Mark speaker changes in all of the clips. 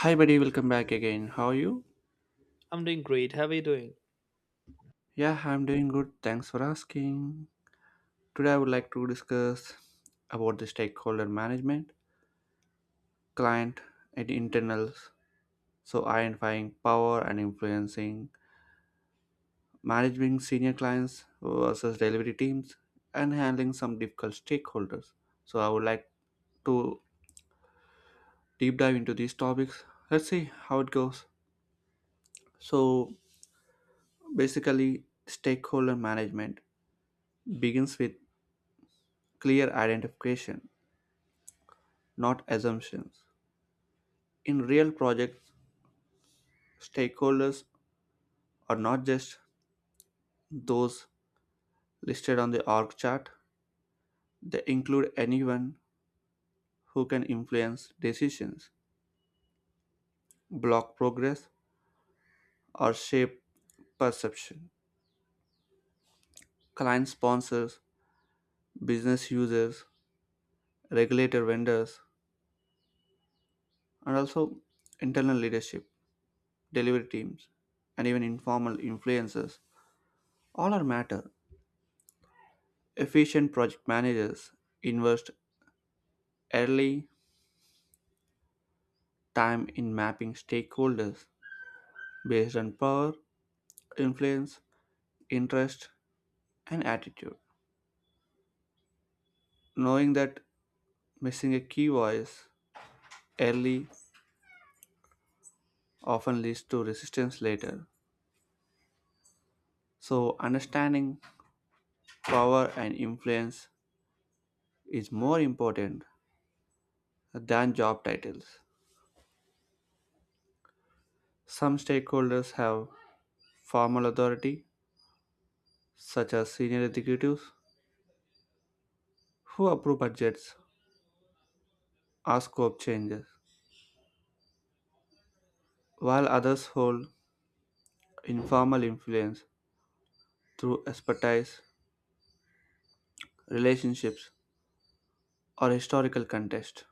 Speaker 1: Hi, buddy, welcome back again. How are you?
Speaker 2: I'm doing great. How are you doing?
Speaker 1: Yeah, I'm doing good. Thanks for asking. Today, I would like to discuss about the stakeholder management, client, and internals. So, identifying power and influencing, managing senior clients versus delivery teams, and handling some difficult stakeholders. So, I would like to deep dive into these topics. Let's see how it goes. So, basically, stakeholder management begins with clear identification, not assumptions. In real projects, stakeholders are not just those listed on the org chart. They include anyone who can influence decisions, block progress, or shape perception. Client sponsors, business users, regulator vendors, and also internal leadership, delivery teams, and even informal influencers all are matter. Efficient project managers invest early time in mapping stakeholders based on power, influence, interest, and attitude, knowing that missing a key voice early often leads to resistance later. So, understanding power and influence is more important than job titles. Some stakeholders have formal authority, such as senior executives who approve budgets or scope changes, while others hold informal influence through expertise, relationships, or historical context.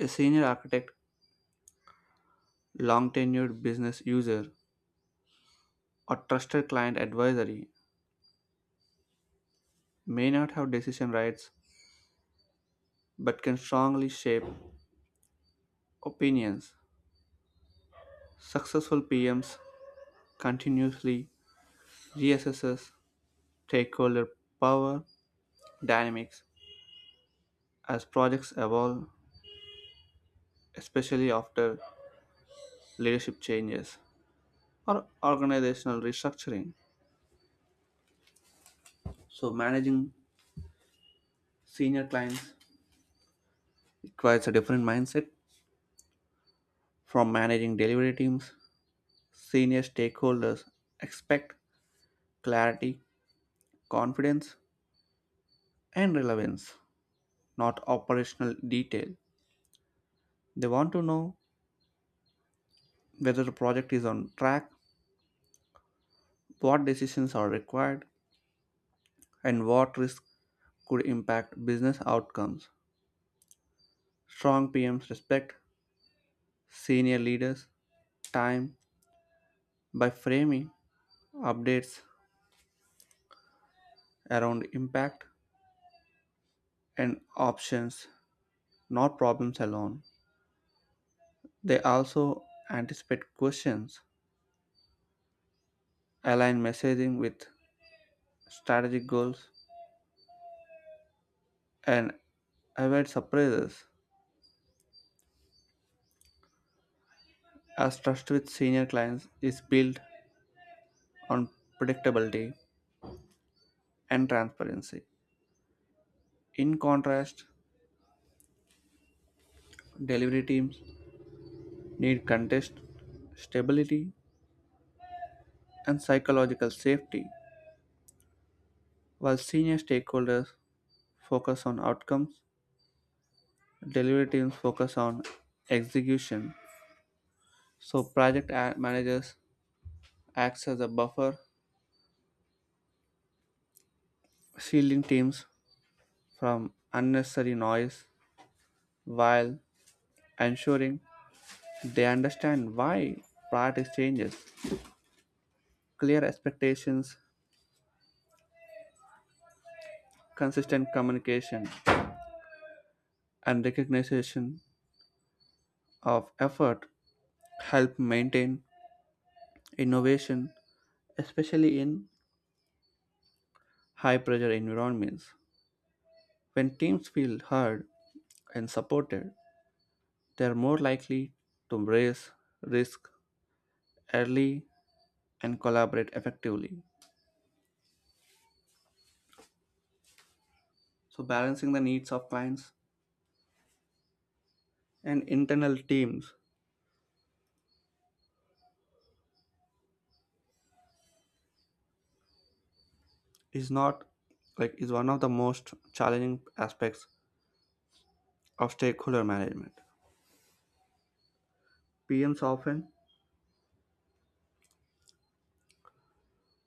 Speaker 1: A senior architect, long tenured business user, or trusted client advisory may not have decision rights but can strongly shape opinions. Successful PMs continuously reassesses stakeholder power dynamics as projects evolve, especially after leadership changes or organizational restructuring. So managing senior clients, it requires a different mindset from managing delivery teams. Senior stakeholders expect clarity, confidence, and relevance, not operational detail. They want to know whether the project is on track, what decisions are required, and what risks could impact business outcomes. Strong PMs respect senior leaders' time by framing updates around impact and options, not problems alone. They also anticipate questions, align messaging with strategic goals, and avoid surprises, as trust with senior clients is built on predictability and transparency. In contrast, delivery teams need context, stability, and psychological safety. While senior stakeholders focus on outcomes, delivery teams focus on execution. So, managers acts as a buffer, shielding teams from unnecessary noise while ensuring they understand why priorities changes. Clear expectations, consistent communication, and recognition of effort help maintain innovation, especially in high pressure environments. When teams feel heard and supported, they are more likely to embrace risk early and collaborate effectively. So, balancing the needs of clients and internal teams is not like is one of the most challenging aspects of stakeholder management. PMs often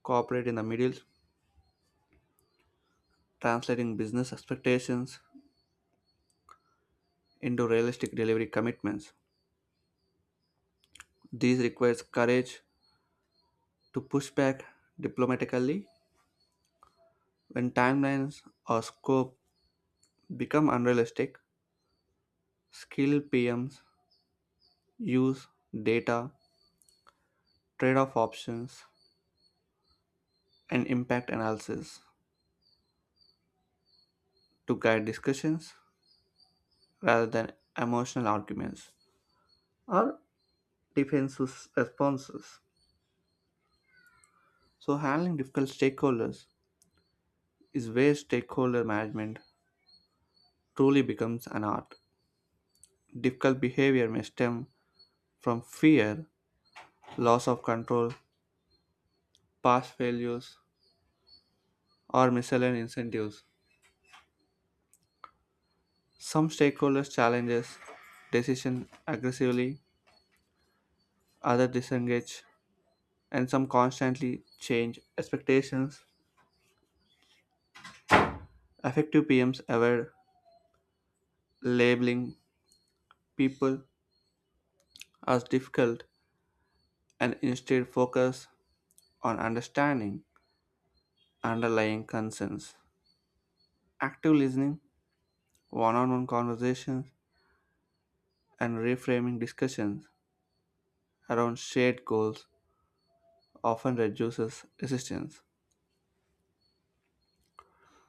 Speaker 1: cooperate in the middle, translating business expectations into realistic delivery commitments. This requires courage to push back diplomatically when timelines or scope become unrealistic. Skilled PMs use data, trade off options, and impact analysis to guide discussions rather than emotional arguments or defensive responses. So, handling difficult stakeholders is where stakeholder management truly becomes an art. Difficult behavior may stem from fear, loss of control, past failures, or misaligned incentives. Some stakeholders challenges decision aggressively, others disengage, and some constantly change expectations. Effective PMs avoid labeling people as difficult and instead focus on understanding underlying concerns. Active listening, one on one conversations, and reframing discussions around shared goals often reduces resistance.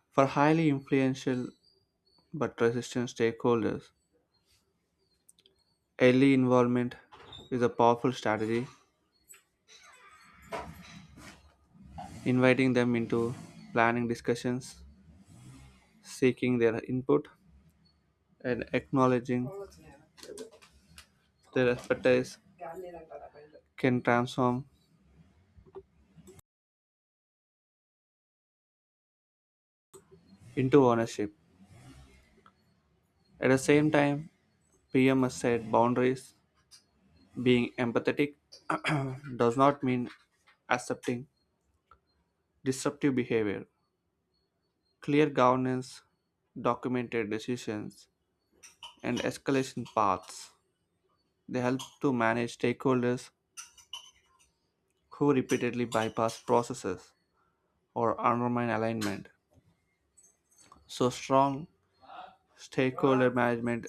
Speaker 1: For highly influential but resistant stakeholders, early involvement is a powerful strategy. Inviting them into planning discussions, seeking their input, and acknowledging their expertise can transform into ownership. At the same time, PM has said boundaries. Being empathetic does not mean accepting disruptive behavior. Clear governance, documented decisions, and escalation paths, they help to manage stakeholders who repeatedly bypass processes or undermine alignment. So, strong stakeholder management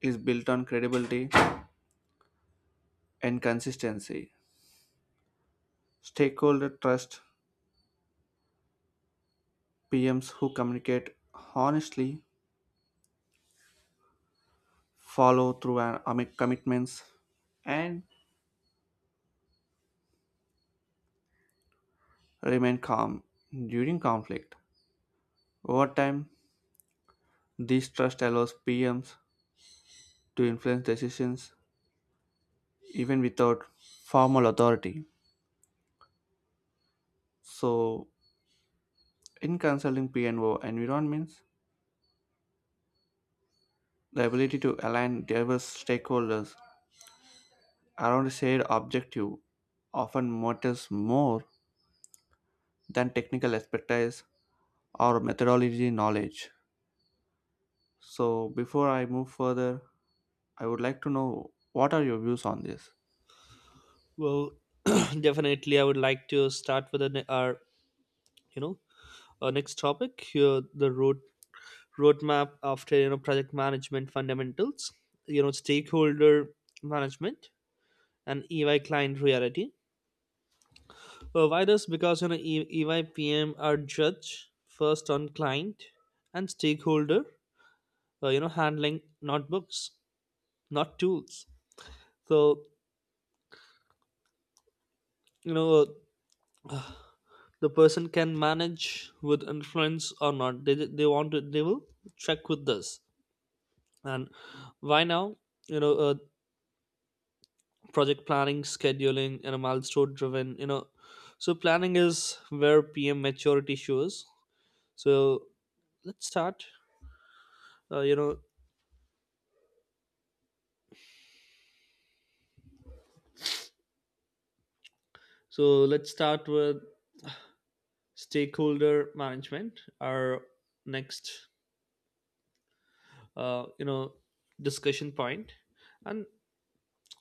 Speaker 1: is built on credibility and consistency. Stakeholder trust PMs who communicate honestly, follow through on commitments, and remain calm during conflict. Over time, this trust allows PMs to influence decisions even without formal authority. So, in consulting PNO environments, the ability to align diverse stakeholders around a shared objective often matters more than technical expertise or methodology knowledge. So, before I move further, I would like to know, what are your views on this?
Speaker 2: Well, definitely, I would like to start with an, our, you know, our next topic here, the roadmap after project management fundamentals, stakeholder management, and EY client reality. Well, why this? Because EY PM are judge first on client and stakeholder, handling not books, not tools. So you know the person can manage with influence or not. They they, want to, they will check with this. And why now? you know uh, Project planning, scheduling, and a milestone driven, so planning is where PM maturity shows. So let's start uh, you know so let's start with stakeholder management, our next uh, you know discussion point. And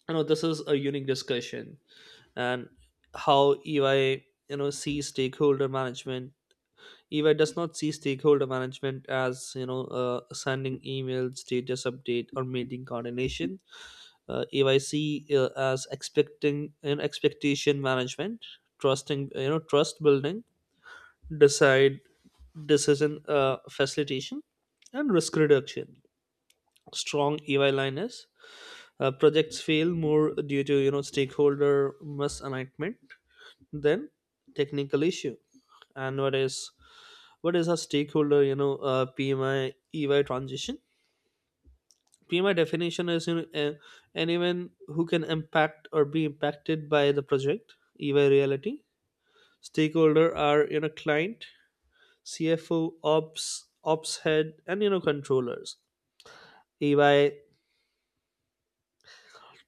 Speaker 2: This is a unique discussion and how EY sees stakeholder management. EY does not see stakeholder management as sending emails, status update, or meeting coordination. EY see as expectation management, trusting you know trust building, decide decision facilitation, and risk reduction. Strong EY line is, projects fail more due to stakeholder misalignment than technical issue. And what is a stakeholder, PMI, EY transition. PMI definition is, anyone who can impact or be impacted by the project. EY reality, stakeholder are, client, CFO, ops head, and controllers, EY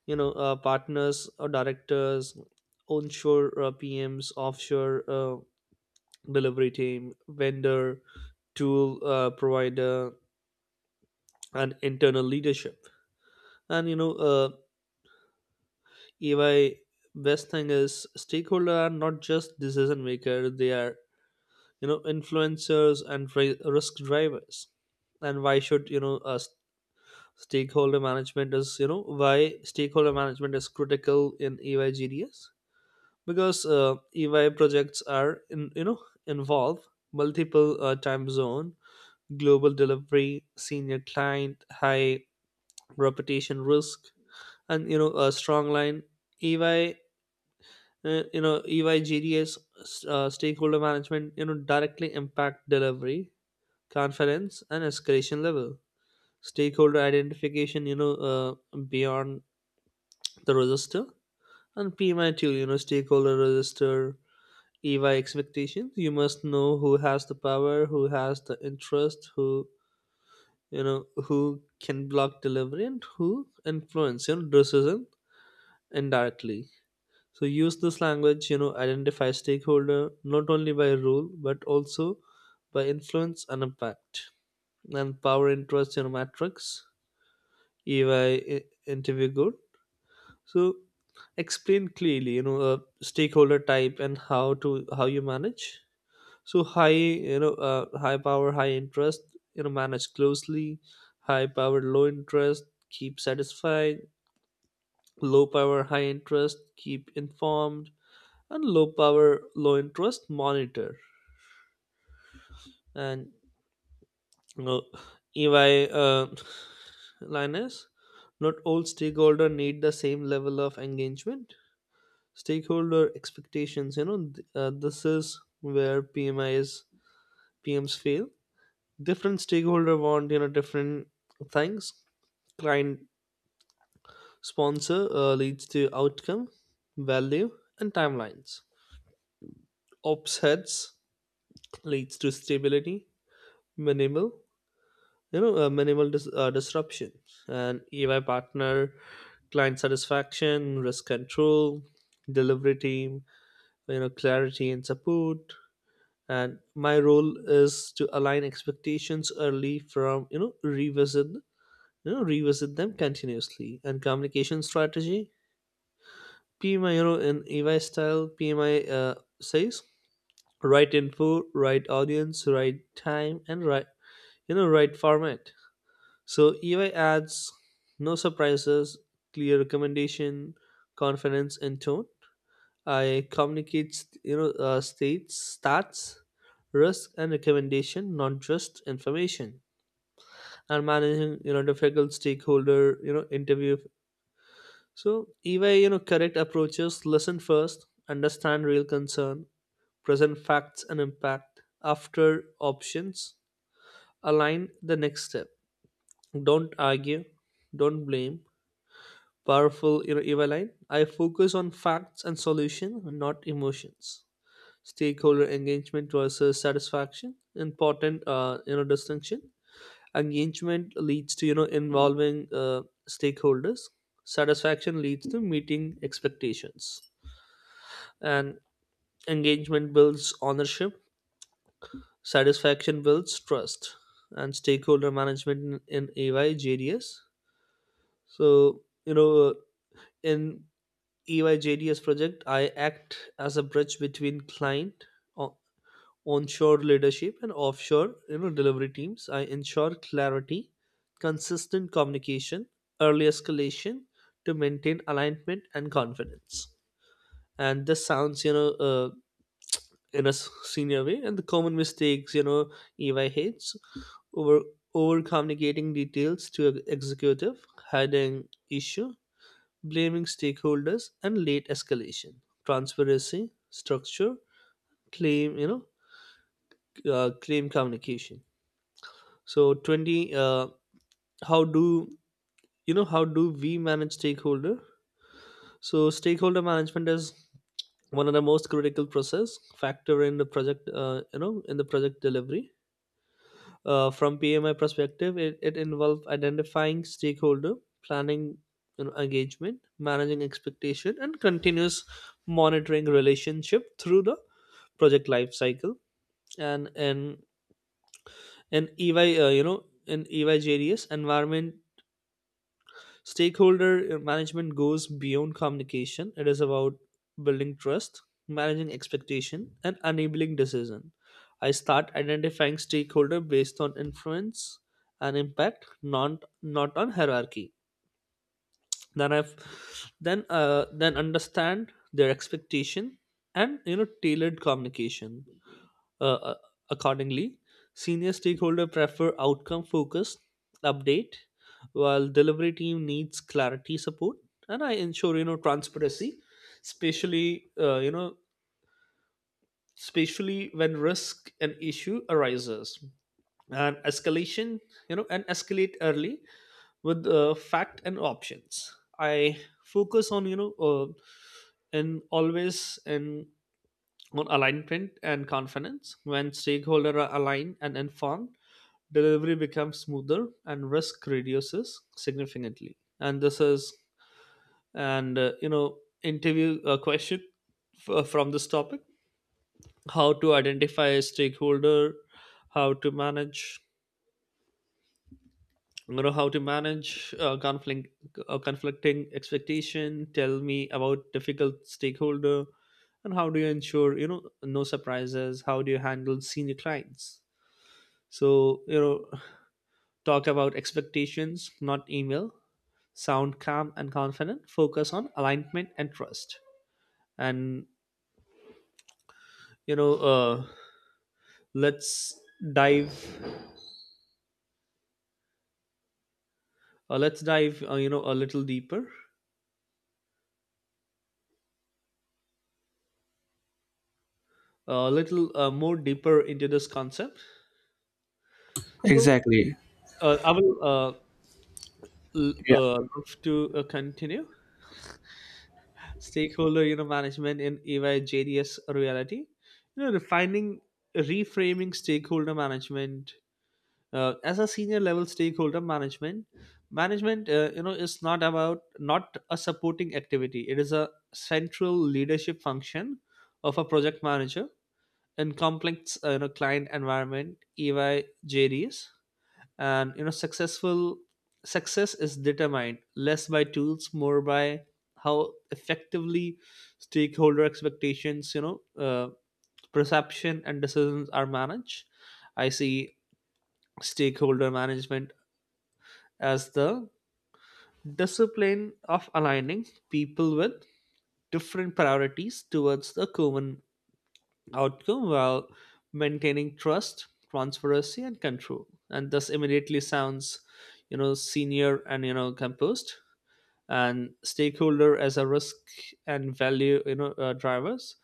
Speaker 2: partners or directors, onshore PMs, offshore delivery team, vendor, tool provider, and internal leadership. And you know, uh, EY best thing is, stakeholder are not just decision maker; they are influencers and risk drivers. And why should you know us stakeholder management is, why stakeholder management is critical in EY GDS, because EY projects are in you know involve multiple time zone, global delivery, senior client, high reputation risk, and a strong line. EY uh, you know EYGDS stakeholder management directly impact delivery confidence and escalation level. Stakeholder identification, beyond the register and PMI tool, stakeholder register. EY expectations, you must know who has the power, who has the interest, who who can block delivery, and who influence your decision indirectly. So use this language, identify stakeholder not only by role but also by influence and impact. And power interest, matrix, EY interview good. So explain clearly, stakeholder type and how you manage. So high, high power, high interest, manage closely. High power, low interest, keep satisfied. Low power, high interest, keep informed. And low power, low interest, monitor. And you know, EY line is, not all stakeholder need the same level of engagement. Stakeholder expectations, this is where PMIs PMs fail. Different stakeholder want, different things. Client sponsor leads to outcome, value, and timelines. Ops heads leads to stability, minimal you know minimal disruption. And EY partner, client satisfaction, risk control. Delivery team, clarity and support. And my role is to align expectations early, from you know revisit them continuously. And communication strategy, PMI, in EY style. Pmi uh, says right info, right audience, right time, and right format. So EY adds no surprises, clear recommendation, confidence and tone. I communicate, stats, risk, and recommendation, not just information. And managing, difficult stakeholder, interview. So EY, correct approaches: listen first, understand real concern, present facts and impact. After options, align the next step. Don't argue, don't blame. Powerful EVA line. I focus on facts and solution, not emotions. Stakeholder engagement versus satisfaction, important distinction. Engagement leads to involving stakeholders. Satisfaction leads to meeting expectations, and engagement builds ownership. Satisfaction builds trust. And stakeholder management in AY. So in EYJDS project, I act as a bridge between client, o- onshore leadership, and offshore delivery teams. I ensure clarity, consistent communication, early escalation to maintain alignment and confidence. And this sounds, in a senior way. And the common mistakes, EY hates over over communicating details to a executive, hiding issue, blaming stakeholders, and late escalation. Transparency, structure, claim you know claim communication. So 20, how do how do we manage stakeholder? So stakeholder management is one of the most critical process factor in the project, in the project delivery. From PMI perspective, it involves identifying stakeholder, planning, engagement, managing expectation, and continuous monitoring relationship through the project life cycle. And in EY, in EY JDS environment, stakeholder management goes beyond communication. It is about building trust, managing expectation, and enabling decision. I start identifying stakeholder based on influence and impact, not on hierarchy. Then I've then understand their expectation and tailored communication Uh, uh, accordingly, senior stakeholder prefer outcome focused update, while delivery team needs clarity support. And I ensure, transparency, especially especially when risk and issue arises, and escalation you know and escalate early with fact and options. I focus on you know and always and on alignment and confidence. When stakeholders are aligned and informed, delivery becomes smoother and risk reduces significantly. And this is, interview question from this topic: how to identify a stakeholder, how to manage, how to manage conflict, conflicting expectation. Tell me about difficult stakeholder, and how do you ensure, no surprises? How do you handle senior clients? So, talk about expectations, not email. Sound calm and confident. Focus on alignment and trust. And you know, uh, let's dive. Let's dive a little deeper, a little more deeper into this concept. So,
Speaker 1: Exactly.
Speaker 2: I will uh, l-
Speaker 1: Yeah.
Speaker 2: uh, love to continue stakeholder. Management in EY reality. You know, refining, Reframing stakeholder management as a senior level. Stakeholder management is not a supporting activity, it is a central leadership function of a project manager in complex, client environment, EY JDS. And success is determined less by tools, more by how effectively stakeholder expectations, perception and decisions are managed. I see stakeholder management as the discipline of aligning people with different priorities towards the common outcome while maintaining trust, transparency, and control. And thus immediately sounds, senior and composed. And stakeholder as a risk and value, drivers.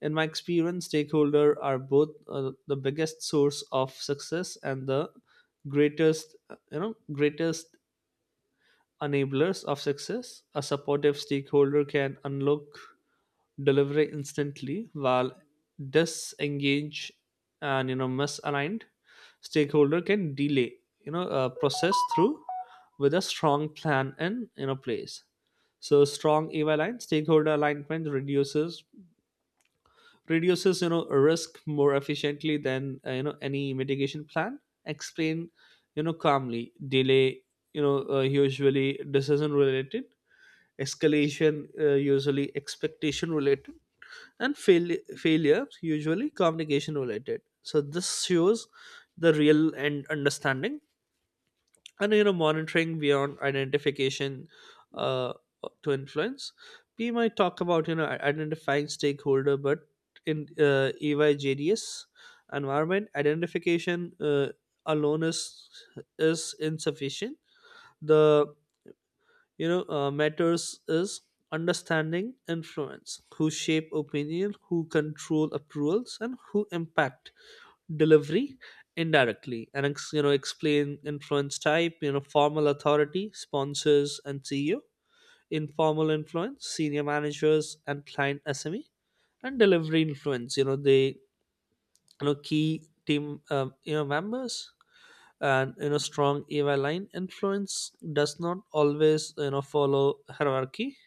Speaker 2: In my experience, stakeholder are both the biggest source of success and the greatest enablers of success. A supportive stakeholder can unlock delivery instantly, while disengaged and misaligned stakeholder can delay process through with a strong plan in place. So strong EY aligned, stakeholder alignment reduces risk more efficiently than any mitigation plan. Explain calmly, delay, usually decision related, escalation usually expectation related, and failure usually communication related. So this shows the real and understanding and monitoring beyond identification, uh, to influence. We might talk about, identifying stakeholder, but in EYJDS environment, identification alone is insufficient. The, matters is understanding influence, who shape opinion, who control approvals, and who impact delivery indirectly. And explain influence type, formal authority, sponsors and CEO, informal influence, senior managers and client SME, and delivery influence, they, key team members. And strong EY line, influence does not always follow hierarchy.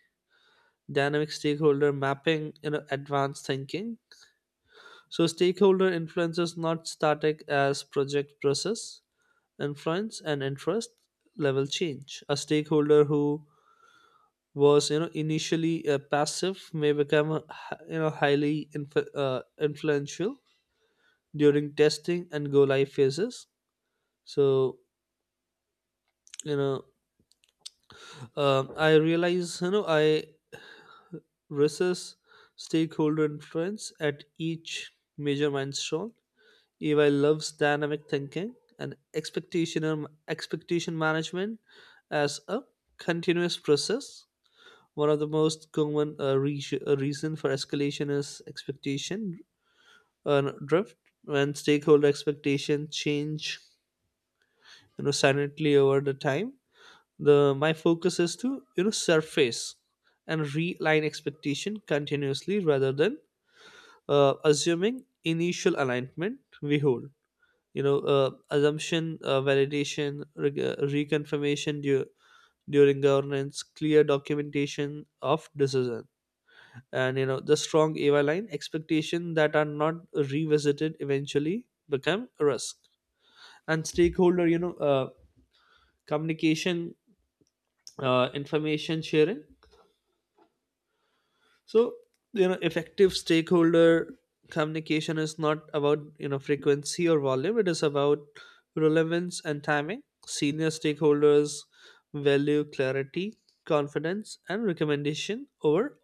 Speaker 2: Dynamic stakeholder mapping, advanced thinking. So stakeholder influence is not static. As project process, influence and interest level change. A stakeholder who was, initially passive, may become a highly influential during testing and go live phases. So, you know I realize, I versus stakeholder influence at each major milestone. EY loves dynamic thinking. And expectation management as a continuous process. One of the most common reason for escalation is expectation drift. When stakeholder expectation change, silently over the time, the my focus is to, surface and realign expectation continuously rather than assuming initial alignment we hold. Assumption validation, reconfirmation during governance, clear documentation of decision. And the strong AY line, expectation that are not revisited eventually become risk. And stakeholder, communication, information sharing. So, effective stakeholder communication is not about, frequency or volume, it is about relevance and timing. Senior stakeholders value clarity, confidence, and recommendation over,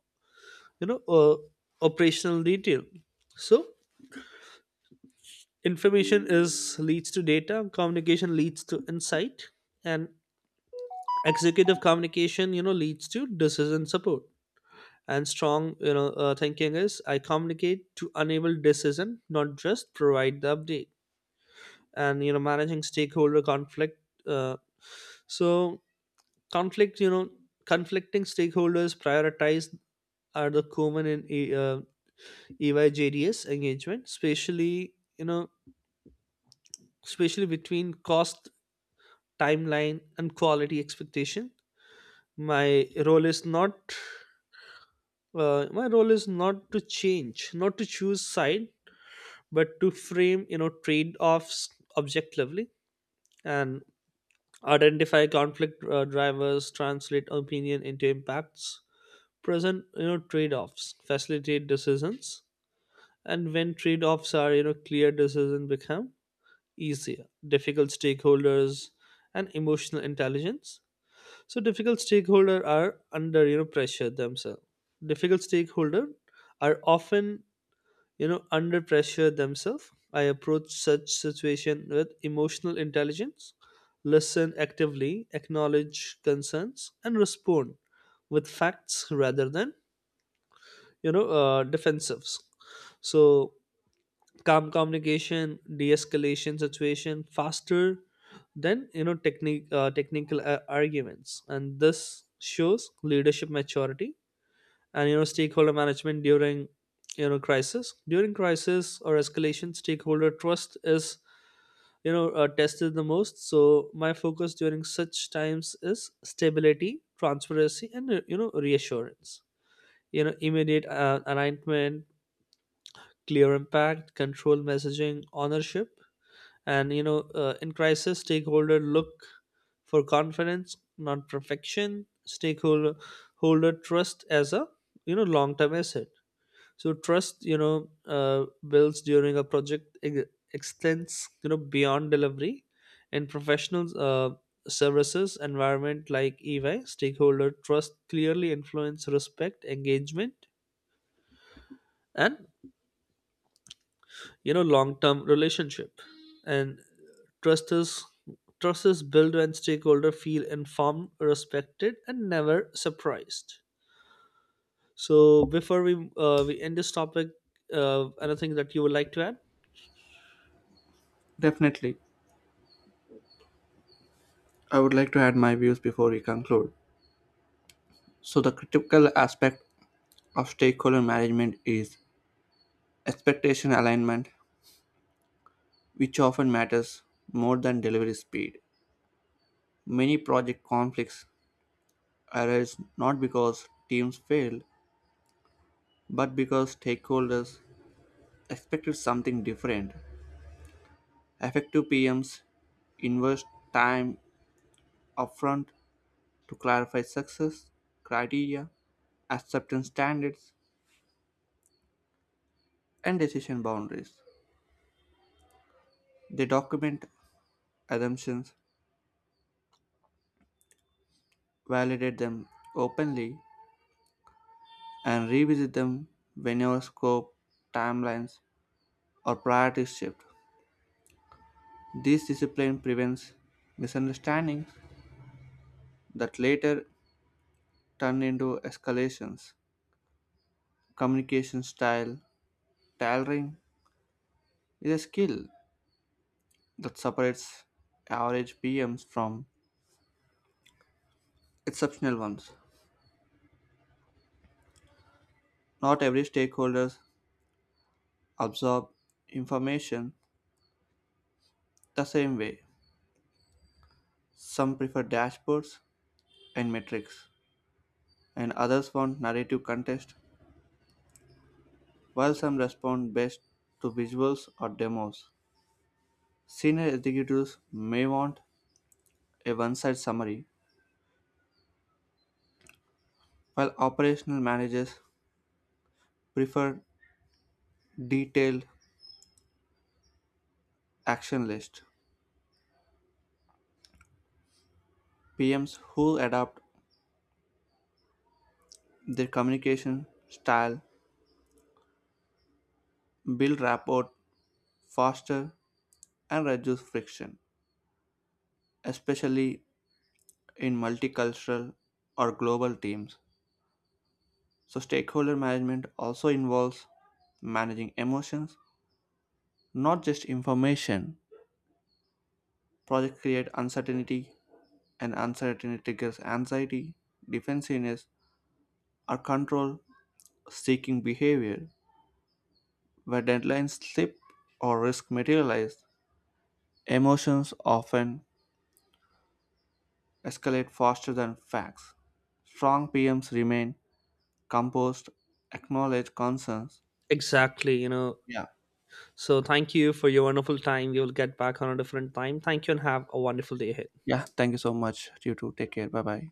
Speaker 2: you know, uh, operational detail. So information is leads to data, communication leads to insight, and executive communication, leads to decision support. And strong thinking is, I communicate to enable decision, not just provide the update. And managing stakeholder conflict, uh, so conflict, conflicting stakeholders prioritize, are the common in EYJDS engagement, especially between cost, timeline, and quality expectation. My role is not my role is not to change, not to choose side, but to frame, trade-offs objectively, and identify conflict drivers, translate opinion into impacts, present, trade-offs, facilitate decisions. And when trade-offs are, clear, decisions become easier. Difficult stakeholders and emotional intelligence. So difficult stakeholder are under you know pressure themselves Difficult stakeholder are often, under pressure themselves. I approach such situation with emotional intelligence, listen actively, acknowledge concerns, and respond with facts rather than, defensives. So calm communication de-escalation situation faster than, you know technique technical arguments. And this shows leadership maturity. And stakeholder management during, you know crisis during crisis or escalation, stakeholder trust is, tested the most. So my focus during such times is stability, transparency, and reassurance, immediate alignment, clear impact, control messaging, ownership. And in crisis, stakeholder look for confidence, not perfection. Stakeholder holder trust as a, long term asset. So trust, builds during a project, extends, beyond delivery. In professional services environment like EY, stakeholder trust clearly influence respect, engagement, and long term relationship. And trust is trust is built when stakeholder feel informed, respected, and never surprised. So before we end this topic, anything that you would like to add?
Speaker 1: Definitely. I would like to add my views before we conclude. So, the critical aspect of stakeholder management is expectation alignment, which often matters more than delivery speed. Many project conflicts arise not because teams failed, but because stakeholders expected something different. Effective PMs invest time upfront to clarify success criteria, acceptance standards, and decision boundaries. They document assumptions, validate them openly, and revisit them whenever scope, timelines, or priorities shift. This discipline prevents misunderstandings that later turn into escalations. Communication style tailoring is a skill that separates average PMs from exceptional ones. Not every stakeholder absorb information the same way. Some prefer dashboards and metrics, and others want narrative context, while some respond best to visuals or demos. Senior executives may want a one side summary, while operational managers prefer detailed action lists. PMs who adapt their communication style build rapport faster and reduce friction, especially in multicultural or global teams. So, stakeholder management also involves managing emotions, not just information. Projects create uncertainty, and uncertainty triggers anxiety, defensiveness, or control seeking behavior. Where deadlines slip or risk materialize, emotions often escalate faster than facts. Strong PMs remain composed, acknowledge concerns.
Speaker 2: Exactly,
Speaker 1: Yeah.
Speaker 2: so thank you for your wonderful time. We will get back on a different time. Thank you, and have a wonderful day ahead.
Speaker 1: Yeah, thank you so much. You too. Take care. Bye bye.